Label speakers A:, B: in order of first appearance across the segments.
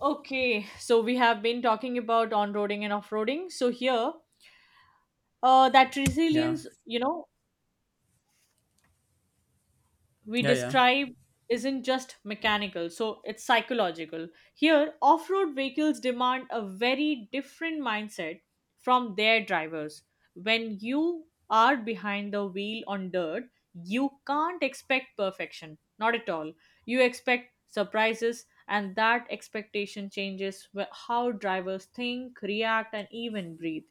A: Okay, so we have been talking about on roading and off roading. So here, that
B: Yeah,
A: resilience, we
B: yeah, yeah.
A: describe isn't just mechanical, so it's psychological. Here, off road vehicles demand a very different mindset from their drivers. When you are behind the wheel on dirt, you can't expect perfection, not at all. You expect surprises, and that expectation changes how drivers think, react, and even breathe.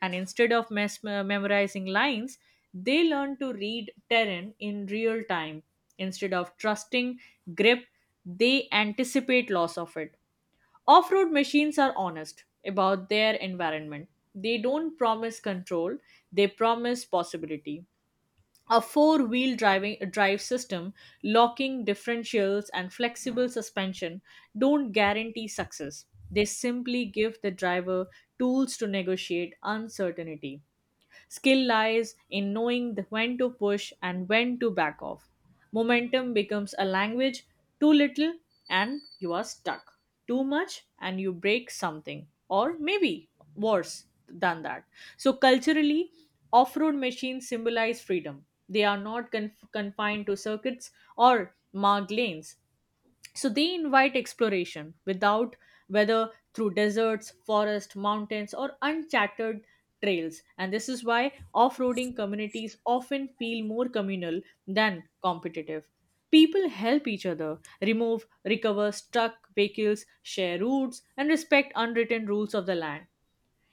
A: And instead of memorizing lines, they learn to read terrain in real time. Instead of trusting grip, they anticipate loss of it. Off road machines are honest about their environment. They don't promise control, they promise possibility. A four-wheel driving drive system, locking differentials, and flexible suspension don't guarantee success. They simply give the driver tools to negotiate uncertainty. Skill lies in knowing when to push and when to back off. Momentum becomes a language, too little and you are stuck, too much and you break something, or maybe worse than that. So, culturally, off road machines symbolize freedom. They are not confined to circuits or marked lanes. So they invite exploration without whether through deserts, forests, mountains, or uncharted trails. And this is why off roading communities often feel more communal than competitive. People help each other, remove, recover stuck vehicles, share routes, and respect unwritten rules of the land.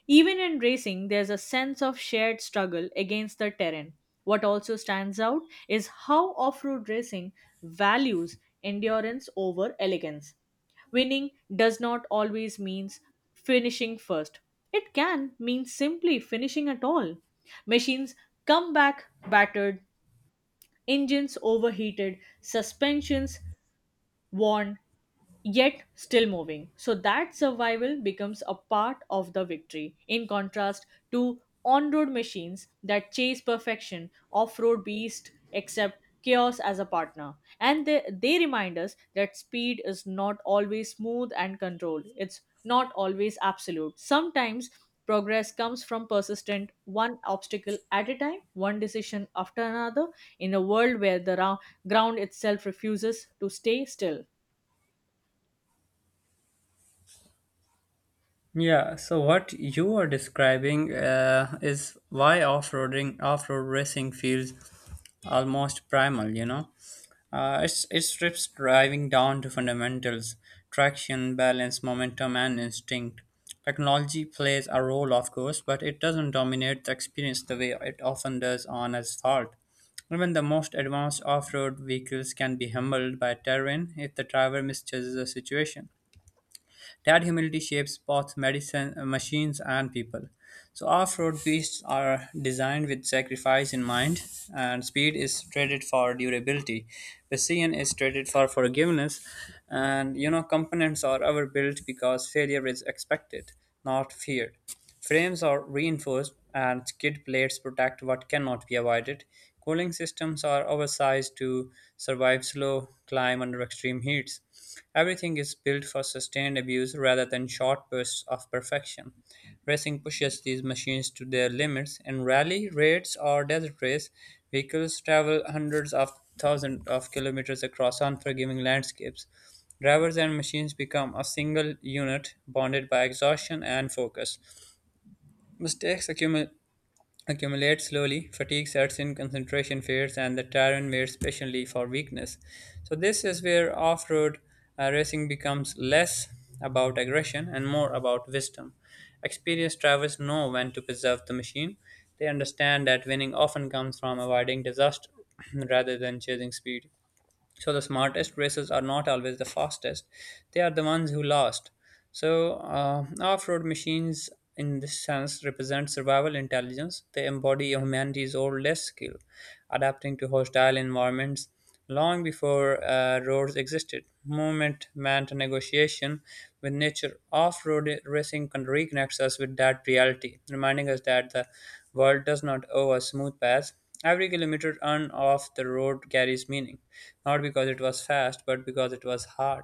A: Even in racing, there's a sense of shared struggle against the terrain. What also stands out is how off road racing values endurance over elegance. Winning does not always mean finishing first, it can mean simply finishing at all. Machines come back battered, engines overheated, suspensions worn, yet still moving. So that survival becomes a part of the victory. In contrast to on road machines that chase perfection, off road beast accept chaos as a partner. And they remind us that speed is not always smooth and controlled, it's not always absolute. Sometimes progress comes from persistent one obstacle at a time, one decision after another, in a world where the ground itself refuses to stay still.
B: Yeah, so what you are describing is why off-roading, off-road racing feels almost primal, you know? It strips driving down to fundamentals, traction, balance, momentum, and instinct. Technology plays a role, of course, but it doesn't dominate the experience the way it often does on asphalt. Even the most advanced off road vehicles can be humbled by terrain if the driver misjudges the situation. That humility shapes both machines and people. So off-road beasts are designed with sacrifice in mind, and speed is traded for durability. Precision is traded for forgiveness, and you know components are overbuilt because failure is expected, not feared. Frames are reinforced and skid plates protect what cannot be avoided. Cooling systems are oversized to survive slow climb under extreme heats. Everything is built for sustained abuse rather than short bursts of perfection. Racing pushes these machines to their limits. In rally, raids, or desert race, vehicles travel hundreds of thousands of kilometers across unforgiving landscapes. Drivers and machines become a single unit bonded by exhaustion and focus. Mistakes accumu- accumulate slowly, fatigue sets in, concentration fades, and the terrain waits patiently for weakness. So, this is where off road racing becomes less about aggression and more about wisdom. Experienced drivers know when to preserve the machine. They understand that winning often comes from avoiding disaster rather than chasing speed. So the smartest racers are not always the fastest; they are the ones who last. So off-road machines, in this sense, represent survival intelligence. They embody humanity's oldest skill, adapting to hostile environments long before roads existed. Movement meant negotiation with nature. Off-road racing can reconnects us with that reality, reminding us that the world does not owe us smooth paths. Every kilometer on of the road carries meaning, not because it was fast, but because it was hard.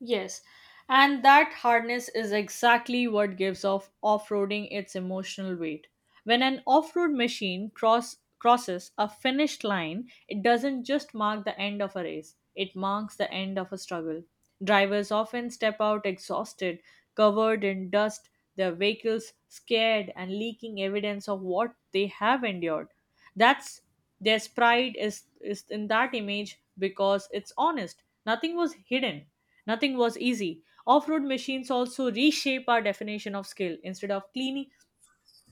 A: Yes, and that hardness is exactly what gives off-roading its emotional weight. When an off-road machine crosses a finish line, it doesn't just mark the end of a race, it marks the end of a struggle. Drivers often step out exhausted, covered in dust, their vehicles scared and leaking evidence of what they have endured. That's their pride is in that image because it's honest. Nothing was hidden. Nothing was easy. Off-road machines also reshape our definition of skill.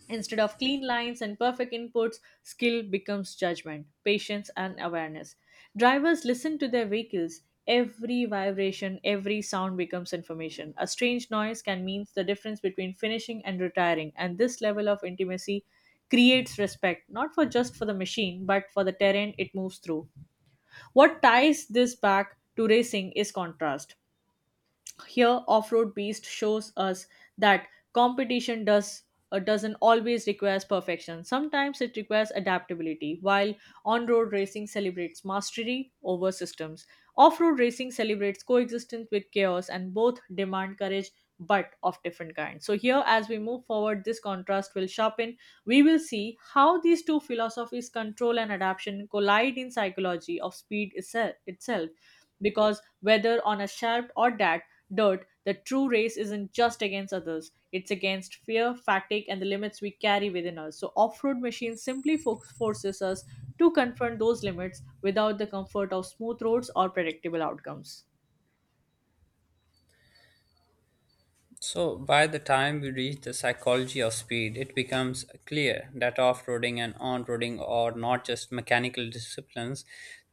A: Instead of clean lines and perfect inputs, skill becomes judgment, patience, and awareness. Drivers listen to their vehicles. Every vibration, every sound becomes information. A strange noise can mean the difference between finishing and retiring, and this level of intimacy creates respect not for just for the machine but for the terrain it moves through. What ties this back to racing is contrast. Here, Off-Road Beast shows us that competition does doesn't always requires perfection. Sometimes it requires adaptability, while on-road racing celebrates mastery over systems. Off-road racing celebrates coexistence with chaos, and both demand courage but of different kinds. So here, as we move forward, this contrast will sharpen. We will see how these two philosophies, control and adaptation, collide in psychology of speed itself, because whether on a shaft or dirt, the true race isn't just against others, it's against fear, fatigue, and the limits we carry within us. So, off road machines simply forces us to confront those limits without the comfort of smooth roads or predictable outcomes.
B: So, by the time we reach the psychology of speed, it becomes clear that off roading and on roading are not just mechanical disciplines,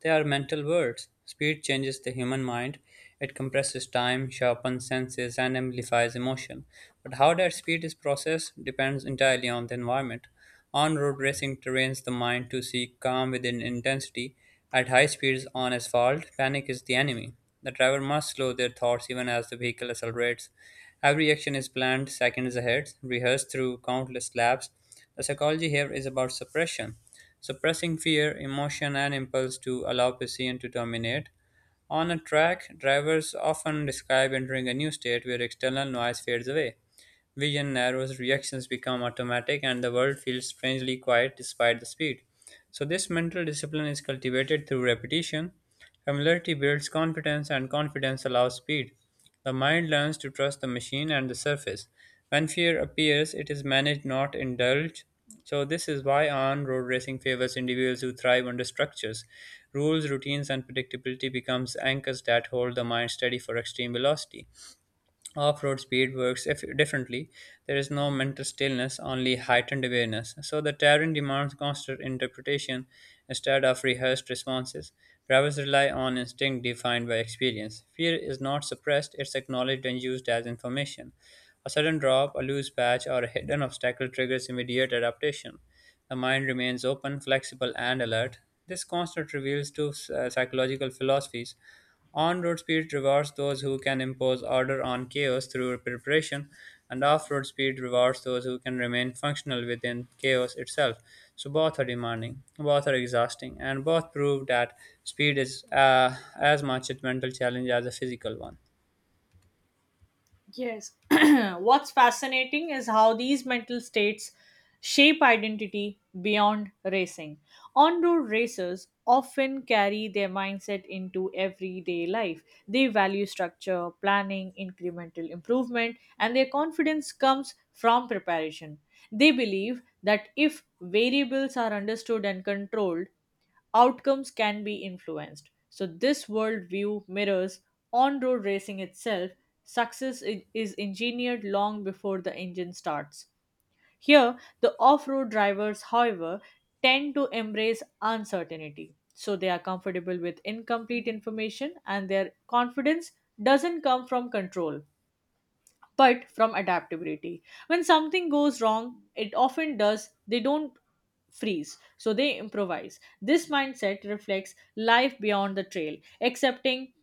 B: they are mental worlds. Speed changes the human mind, it compresses time, sharpens senses, and amplifies emotion. But how that speed is processed depends entirely on the environment. On road racing trains the mind to seek calm within intensity. At high speeds on asphalt, panic is the enemy. The driver must slow their thoughts even as the vehicle accelerates. Every action is planned seconds ahead, rehearsed through countless laps. The psychology here is about suppression, suppressing fear, emotion, and impulse to allow precision to dominate. On a track, drivers often describe entering a new state where external noise fades away. Vision narrows, reactions become automatic, and the world feels strangely quiet despite the speed. So, this mental discipline is cultivated through repetition. Familiarity builds confidence, and confidence allows speed. The mind learns to trust the machine and the surface. When fear appears, it is managed, not indulged. So, this is why on road racing favors individuals who thrive under structures. Rules, routines, and predictability becomes anchors that hold the mind steady for extreme velocity. Off-road speed works if differently. There is no mental stillness, only heightened awareness. So the terrain demands constant interpretation instead of rehearsed responses. Drivers rely on instinct defined by experience. Fear is not suppressed; it's acknowledged and used as information. A sudden drop, a loose patch, or a hidden obstacle triggers immediate adaptation. The mind remains open, flexible, and alert. This constant reveals two psychological philosophies. On-road speed rewards those who can impose order on chaos through preparation, and off-road speed rewards those who can remain functional within chaos itself. So both are demanding, both are exhausting, and both prove that speed is as much a mental challenge as a physical one.
A: Yes. What's fascinating is how these mental states shape identity beyond racing. On road racers often carry their mindset into everyday life. They value structure, planning, incremental improvement, and their confidence comes from preparation. They believe that if variables are understood and controlled, outcomes can be influenced. So, this worldview mirrors on road racing itself. Success is engineered long before the engine starts. Here, the off road drivers, however, tend to embrace uncertainty. So, they are comfortable with incomplete information and their confidence doesn't come from control but from adaptability. When something goes wrong, it often does, they don't freeze, so they improvise. This mindset reflects life beyond the trail, accepting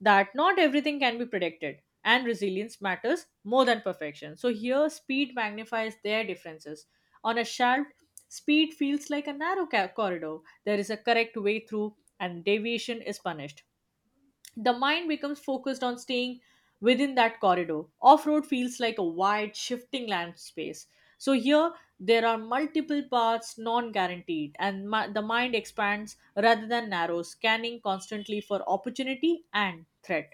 A: that not everything can be predicted and resilience matters more than perfection. So here, speed magnifies their differences. On a shelf, speed feels like a narrow corridor. There is a correct way through, and deviation is punished. The mind becomes focused on staying within that corridor. Off road feels like a wide, shifting land space. So, here there are multiple paths non guaranteed, and the mind expands rather than narrows, scanning constantly for opportunity and threat.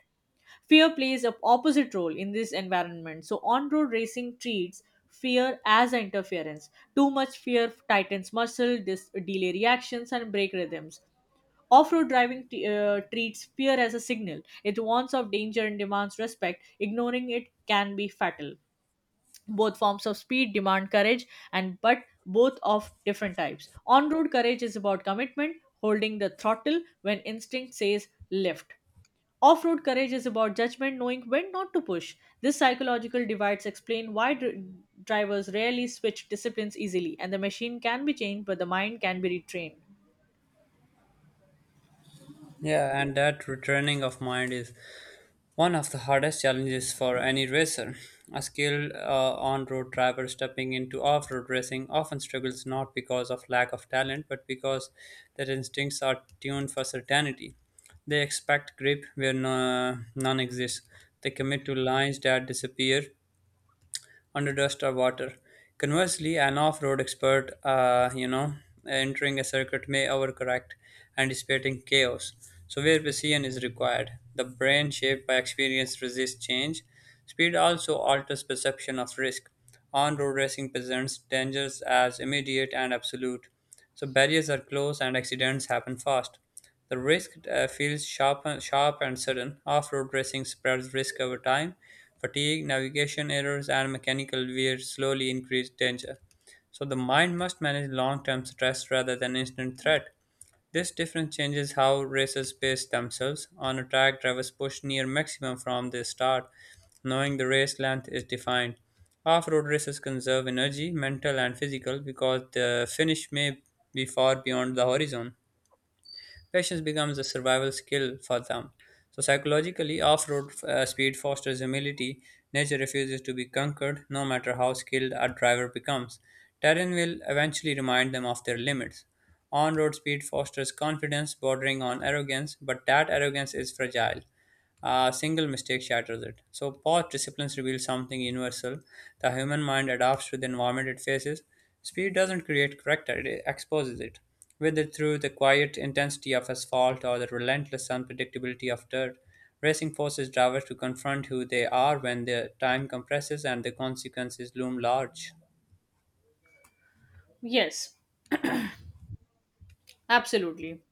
A: Fear plays an opposite role in this environment. So, on road racing treats fear as interference. Too much fear tightens muscle, delay reactions, and break rhythms. Off road driving treats fear as a signal. It warns of danger and demands respect. Ignoring it can be fatal. Both forms of speed demand courage, and but both of different types. On road courage is about commitment, holding the throttle when instinct says lift. Off road courage is about judgment, knowing when not to push. This psychological divides explain why drivers rarely switch disciplines easily, and the machine can be changed, but the mind can be retrained.
B: Yeah, and that retraining of mind is one of the hardest challenges for any racer. A skilled on road driver stepping into off road racing often struggles not because of lack of talent, but because their instincts are tuned for certainty. They expect grip where no, none exists. They commit to lines that disappear under dust or water. Conversely, an off-road expert, you know, entering a circuit may overcorrect, anticipating chaos. So where precision is required, the brain shaped by experience resists change. Speed also alters perception of risk. On-road racing presents dangers as immediate and absolute. So barriers are close and accidents happen fast. The risk feels sharp and sudden. Off-road racing spreads risk over time. Fatigue, navigation errors, and mechanical wear slowly increase danger. So the mind must manage long-term stress rather than instant threat. This difference changes how racers pace themselves. On a track, drivers push near maximum from the start, knowing the race length is defined. Off-road races conserve energy, mental and physical, because the finish may be far beyond the horizon. Patience becomes a survival skill for them. So, psychologically, off road speed fosters humility. Nature refuses to be conquered, no matter how skilled a driver becomes. Terrain will eventually remind them of their limits. On road speed fosters confidence bordering on arrogance, but that arrogance is fragile. A single mistake shatters it. So, past disciplines reveal something universal. The human mind adapts to the environment it faces. Speed doesn't create character, it exposes it. Whether through the quiet intensity of asphalt or the relentless unpredictability of dirt, racing forces drivers to confront who they are when their time compresses and the consequences loom large.
A: Yes, absolutely.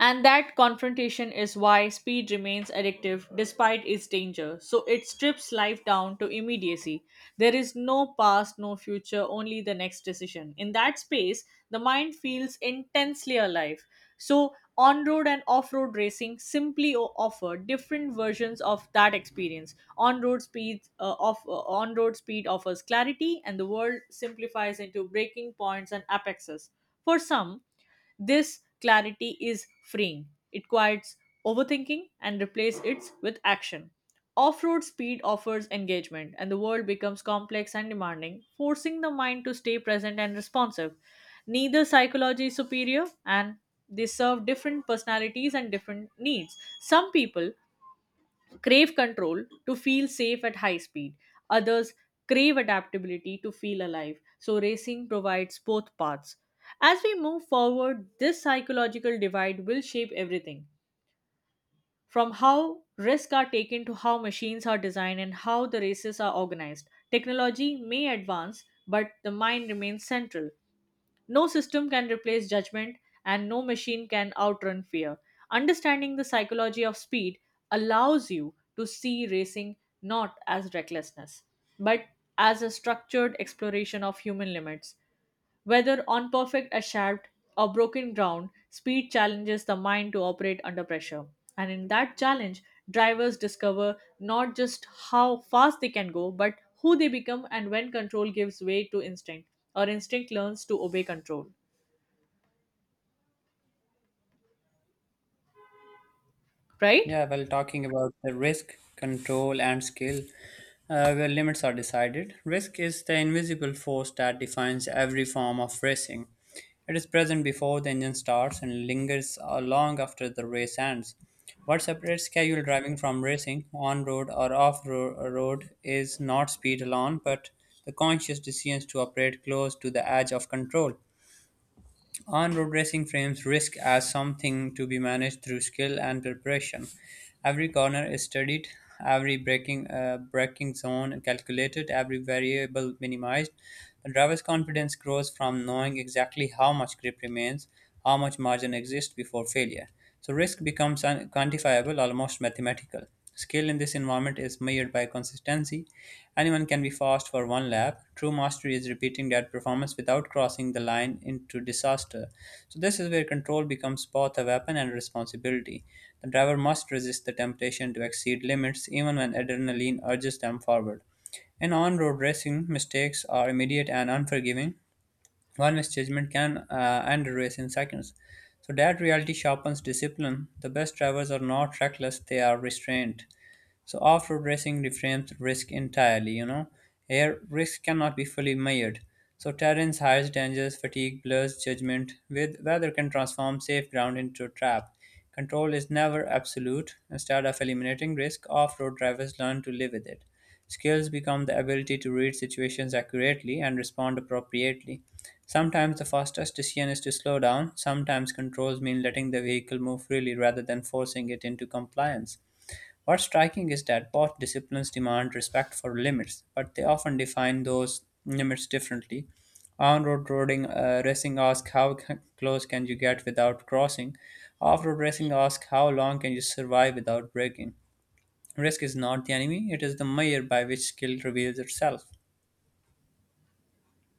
A: And that confrontation is why speed remains addictive despite its danger. So it strips life down to immediacy. There is no past, no future, only the next decision. In that space, the mind feels intensely alive. So on road and off road racing simply offer different versions of that experience. On road speed offers clarity, and the world simplifies into breaking points and apexes. For some, this clarity is freeing. It quiets overthinking and replaces it with action. Off road speed offers engagement, and the world becomes complex and demanding, forcing the mind to stay present and responsive. Neither psychology is superior, and they serve different personalities and different needs. Some people crave control to feel safe at high speed. Others crave adaptability to feel alive. So, racing provides both paths. As we move forward, this psychological divide will shape everything from how risks are taken to how machines are designed and how the races are organized. Technology may advance, but the mind remains central. No system can replace judgment, and no machine can outrun fear. Understanding the psychology of speed allows you to see racing not as recklessness, but as a structured exploration of human limits. Whether on perfect asphalt or broken ground, speed challenges the mind to operate under pressure. And in that challenge, drivers discover not just how fast they can go, but who they become, and when control gives way to instinct, or instinct learns to obey control, right?
B: Yeah, well, talking about the risk, control, and skill, where limits are decided, risk is the invisible force that defines every form of racing. It is present before the engine starts and lingers long after the race ends. What separates casual driving from racing, on road or road, is not speed alone, but the conscious decisions to operate close to the edge of control. On-road racing frames risk as something to be managed through skill and preparation. Every corner is studied, every braking zone calculated, every variable minimized. The driver's confidence grows from knowing exactly how much grip remains, how much margin exists before failure. So risk becomes quantifiable, almost mathematical. Skill in this environment is measured by consistency. Anyone can be fast for one lap. True mastery is repeating that performance without crossing the line into disaster. So this is where control becomes both a weapon and a responsibility. The driver must resist the temptation to exceed limits even when adrenaline urges them forward. In on road racing, mistakes are immediate and unforgiving. One misjudgment can end a race in seconds. So that reality sharpens discipline. The best drivers are not reckless, they are restrained. So off-road racing reframes risk entirely, you know. Here, risk cannot be fully measured. So terrains, highs, dangers, fatigue, blurs judgment. With weather can transform safe ground into a trap. Control is never absolute. Instead of eliminating risk, off-road drivers learn to live with it. Skills become the ability to read situations accurately and respond appropriately. Sometimes the fastest decision is to slow down. Sometimes controls mean letting the vehicle move freely rather than forcing it into compliance. What's striking is that both disciplines demand respect for limits, but they often define those limits differently. On-road roading racing asks how close can you get without crossing. Off-road racing asks how long can you survive without breaking. Risk is not the enemy; it is the measure by which skill reveals itself.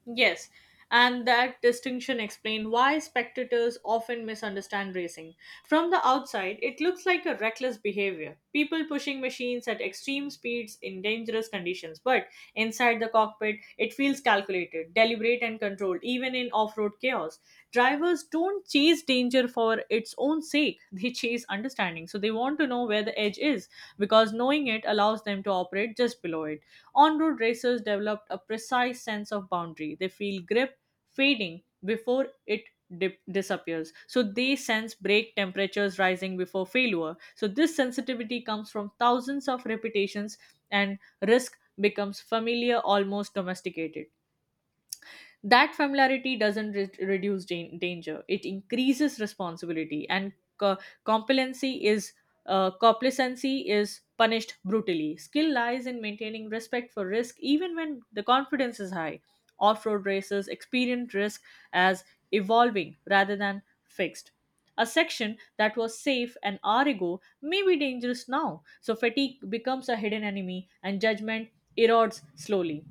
A: Yes, and that distinction explains why spectators often misunderstand racing. From the outside, it looks like a reckless behavior, people pushing machines at extreme speeds in dangerous conditions, but inside the cockpit, it feels calculated, deliberate, and controlled, even in off road chaos. Drivers don't chase danger for its own sake, they chase understanding, so they want to know where the edge is because knowing it allows them to operate just below it. On road racers developed a precise sense of boundary. They feel grip fading before it disappears. So they sense brake temperatures rising before failure. So this sensitivity comes from thousands of repetitions, and risk becomes familiar, almost domesticated. That familiarity doesn't reduce danger, it increases responsibility, and co- complacency is complacency is punished brutally. Skill lies in maintaining respect for risk even when the confidence is high. Off road racers experience risk as evolving rather than fixed. A section that was safe an hour ago may be dangerous now, so fatigue becomes a hidden enemy and judgment erodes slowly,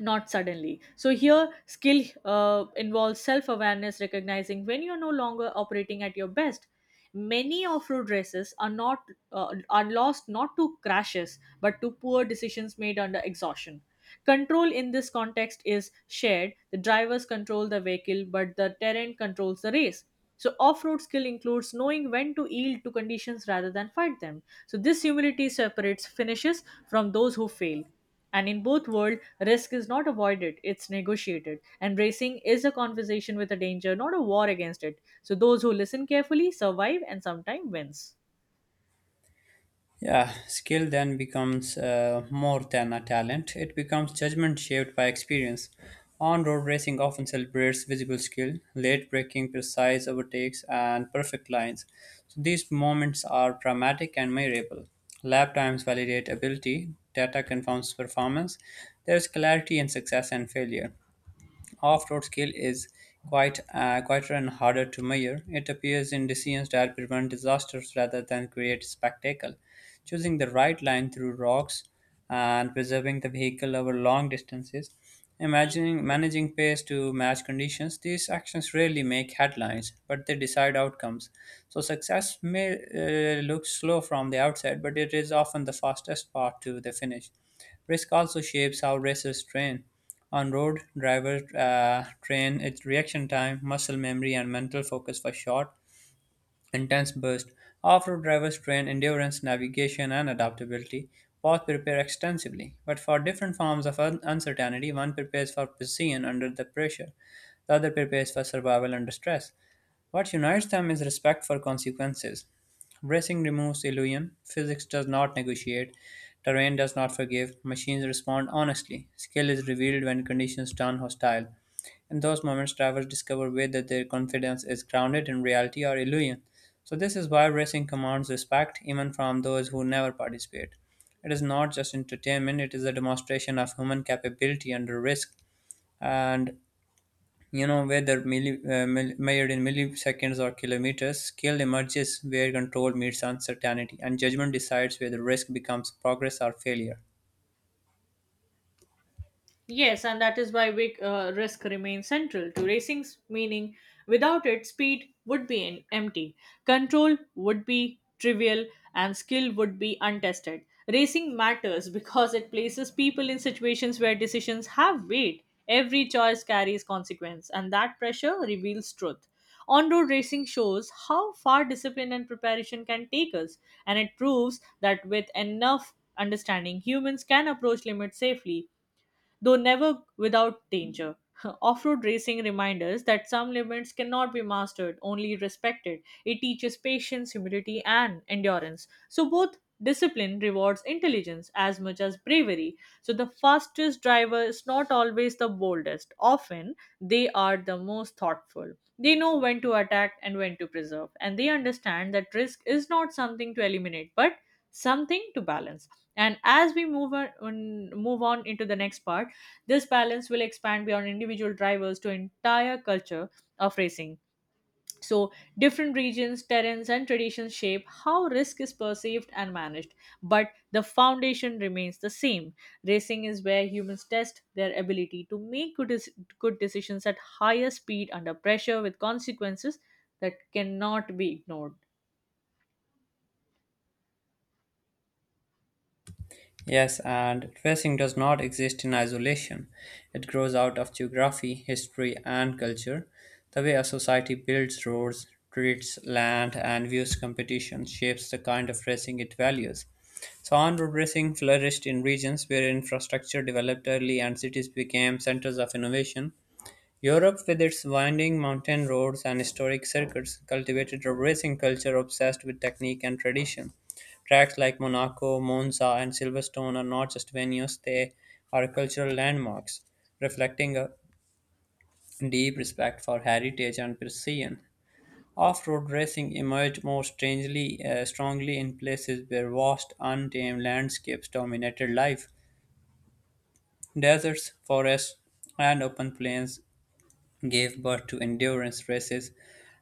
A: not suddenly. So here, skill involves self-awareness, recognizing when you're no longer operating at your best. Many off-road races are lost not to crashes but to poor decisions made under exhaustion. Control in this context is shared. The drivers control the vehicle, but the terrain controls the race. So off-road skill includes knowing when to yield to conditions rather than fight them. So this humility separates finishes from those who fail. And in both world, risk is not avoided, it's negotiated. Embracing is a conversation with a danger, not a war against it. So those who listen carefully survive and sometimes wins.
B: Yeah, skill then becomes more than a talent. It becomes judgment shaped by experience. On road racing often celebrates visible skill, late braking, precise overtakes, and perfect lines. So these moments are dramatic and measurable. Lap times validate ability, data confirms performance. There is clarity in success and failure. Off-road scale is quite quieter and harder to measure. It appears in decisions that prevent disasters rather than create spectacle. Choosing the right line through rocks and preserving the vehicle over long distances. Imagining managing pace to match conditions, these actions rarely make headlines, but they decide outcomes. So success may look slow from the outset, but it is often the fastest path to the finish. Risk also shapes how racers train. On road, drivers train its reaction time, muscle memory, and mental focus for short, intense bursts. Off road drivers train endurance, navigation, and adaptability. Both prepare extensively, but for different forms of uncertainty, one prepares for precision under the pressure, the other prepares for survival under stress. What unites them is respect for consequences. Racing removes illusion, physics does not negotiate, terrain does not forgive, machines respond honestly, skill is revealed when conditions turn hostile. In those moments, drivers discover whether their confidence is grounded in reality or illusion. So, this is why racing commands respect even from those who never participate. It is not just entertainment, it is a demonstration of human capability under risk. And Whether measured in milliseconds or kilometers, scale emerges where control meets uncertainty, and judgment decides whether risk becomes progress or failure.
A: Yes, and that is why risk remains central to racing's meaning. Without it, speed would be empty, control would be trivial, and skill would be untested. Racing matters because it places people in situations where decisions have weight. Every choice carries consequence, and that pressure reveals truth. On road racing shows how far discipline and preparation can take us, and it proves that with enough understanding, humans can approach limits safely though never without danger. Off road racing reminds us that some limits cannot be mastered, only respected. It teaches patience, humility, and endurance. So, both discipline rewards intelligence as much as bravery. So, the fastest driver is not always the boldest. Often, they are the most thoughtful. They know when to attack and when to preserve, and they understand that risk is not something to eliminate but something to balance. And as we move on into the next part, this balance will expand beyond individual drivers to entire culture of racing. So, different regions, terrains, and traditions shape how risk is perceived and managed, but the foundation remains the same. Racing is where humans test their ability to make good decisions at higher speed under pressure with consequences that cannot be ignored.
B: Yes, and tracing does not exist in isolation. It grows out of geography, history, and culture. The way a society builds roads, treats land, and views competition shapes the kind of racing it values. So, on road racing flourished in regions where infrastructure developed early and cities became centers of innovation. Europe, with its winding mountain roads and historic circuits, cultivated a racing culture obsessed with technique and tradition. Tracks like Monaco, Monza, and Silverstone are not just venues, they are cultural landmarks, reflecting a deep respect for heritage and precision. Off road racing emerged more strongly in places where vast, untamed landscapes dominated life. Deserts, forests, and open plains gave birth to endurance races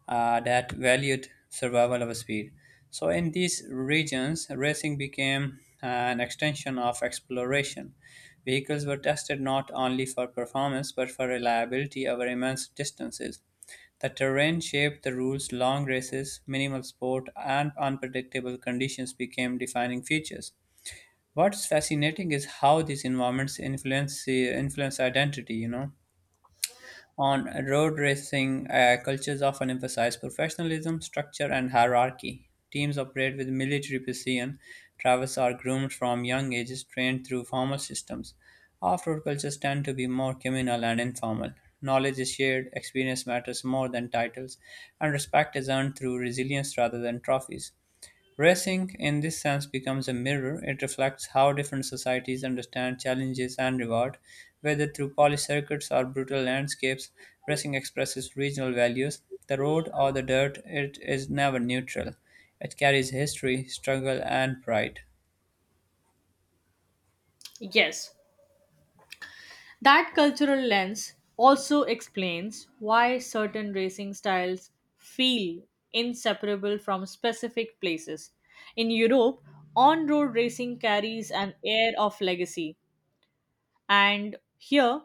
B: that valued survival over speed. So, in these regions, racing became an extension of exploration. Vehicles were tested not only for performance but for reliability over immense distances. The terrain shaped the rules, long races, minimal sport, and unpredictable conditions became defining features. What's fascinating is how these environments influence identity. On road cultures often emphasize professionalism, structure, and hierarchy. Teams operate with military precision. Drivers are groomed from young ages, trained through formal systems. Off road cultures tend to be more communal and informal. Knowledge is shared, experience matters more than titles, and respect is earned through resilience rather than trophies. Racing, in this sense, becomes a mirror. It reflects how different societies understand challenges and reward. Whether through polished circuits or brutal landscapes, racing expresses regional values. The road or the dirt, it is never neutral. It carries history, struggle, and pride.
A: Yes, that cultural lens also explains why certain racing styles feel inseparable from specific places. In Europe, on road racing carries an air of legacy, and here,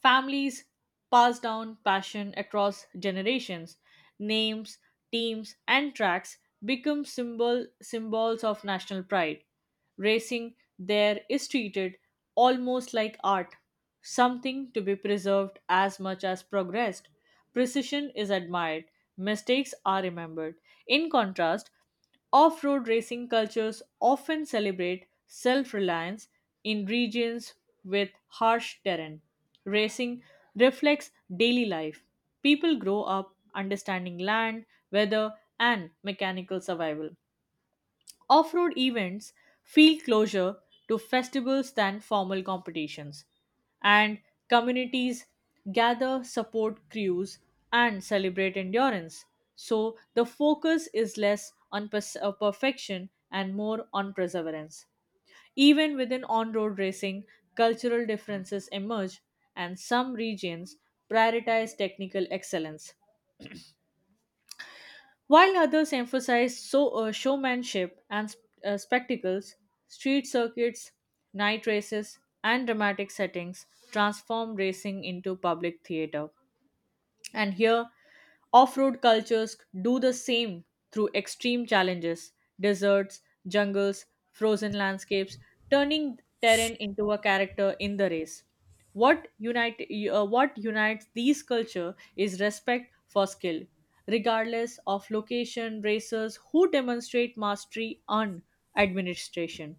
A: families pass down passion across generations. Names, teams, and tracks become symbols of national pride. Racing there is treated almost like art, something to be preserved as much as progressed. Precision is admired, mistakes are remembered. In contrast, off road racing cultures often celebrate self reliance in regions with harsh terrain. Racing reflects daily life. People grow up understanding land, weather, and mechanical survival. Off road events feel closer to festivals than formal competitions, and communities gather, support crews, and celebrate endurance. So the focus is less on perfection and more on perseverance. Even within on road racing, cultural differences emerge, and some regions prioritize technical excellence while others emphasize showmanship and spectacles, street circuits, night races, and dramatic settings transform racing into public theater and here, off road cultures do the same through extreme challenges deserts, jungles, frozen landscapes, turning terrain into a character in the race. What, unite, what unites these culture is respect for skill. Regardless of location, racers who demonstrate mastery on administration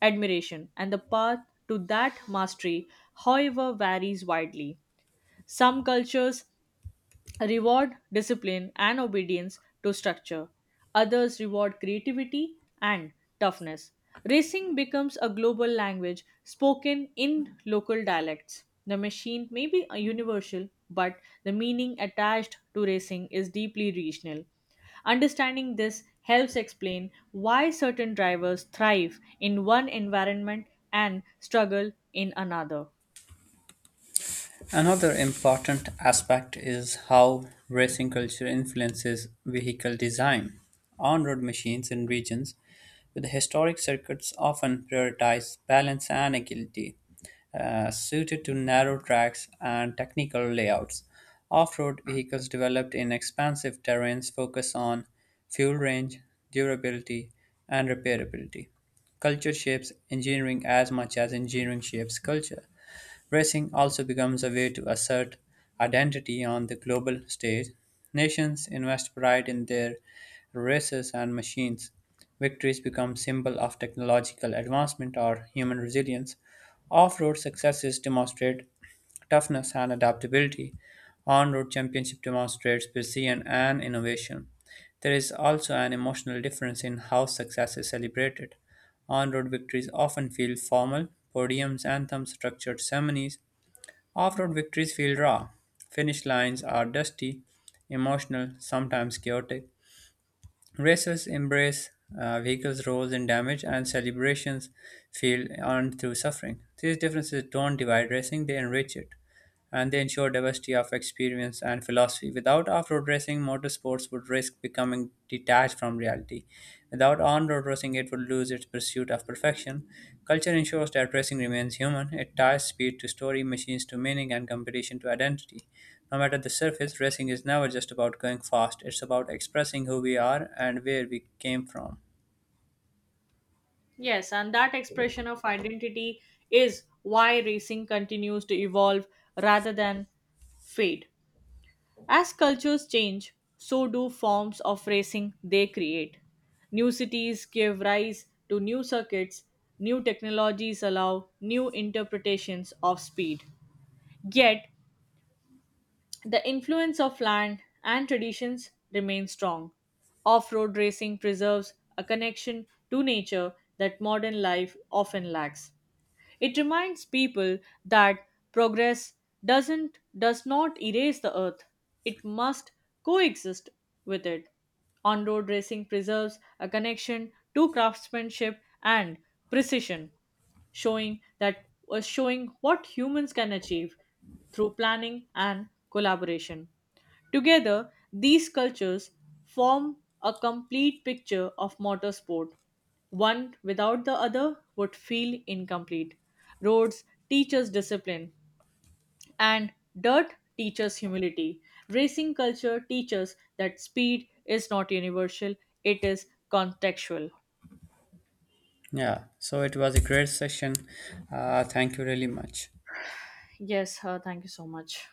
A: admiration, and the path to that mastery, however, varies widely. Some cultures reward discipline and obedience to structure. Others reward creativity and toughness. Racing becomes a global language spoken in local dialects. The machine may be a universal, but the meaning attached to racing is deeply regional. Understanding this helps explain why certain drivers thrive in one environment and struggle in another.
B: Another important aspect is how racing culture influences vehicle design. On road machines in regions with historic circuits often prioritize balance and agility, suited to narrow tracks and technical layouts. Off road vehicles developed in expansive terrains focus on fuel range, durability, and repairability. Culture shapes engineering as much as engineering shapes culture. Racing also becomes a way to assert identity on the global stage. Nations invest pride in their races, and machines. Victories become symbol of technological advancement or human resilience. Off-road successes demonstrate toughness and adaptability. On-road championship demonstrates precision and innovation. There is also an emotional difference in how success is celebrated. On-road victories often feel formal, podiums, anthems, structured ceremonies. Off-road victories feel raw. Finish lines are dusty, emotional, sometimes chaotic. Races embrace vehicles' roles in damage, and celebrations feel earned through suffering. These differences don't divide racing, they enrich it, and they ensure diversity of experience and philosophy. Without off road racing, motorsports would risk becoming detached from reality. Without on road racing, it would lose its pursuit of perfection. Culture ensures that racing remains human, it ties speed to story, machines to meaning, and competition to identity. No matter the surface, racing is never just about going fast. It's about expressing who we are and where we came from.
A: Yes, and that expression of identity is why racing continues to evolve rather than fade. As cultures change, so do forms of racing they create. New cities give rise to new circuits, new technologies allow new interpretations of speed. Yet, the influence of land and traditions remains strong. Off road racing preserves a connection to nature that modern life often lacks. It reminds people that progress does not erase the earth. It must coexist with it. On-road racing preserves a connection to craftsmanship and precision, showing what humans can achieve through planning and collaboration. Together, these cultures form a complete picture of motorsport. One without the other would feel incomplete. Roads teaches discipline, and dirt teaches humility. Racing culture teaches that speed is not universal, it is contextual.
B: Yeah, so it was a great session. Thank you really much.
A: Yes, thank you so much.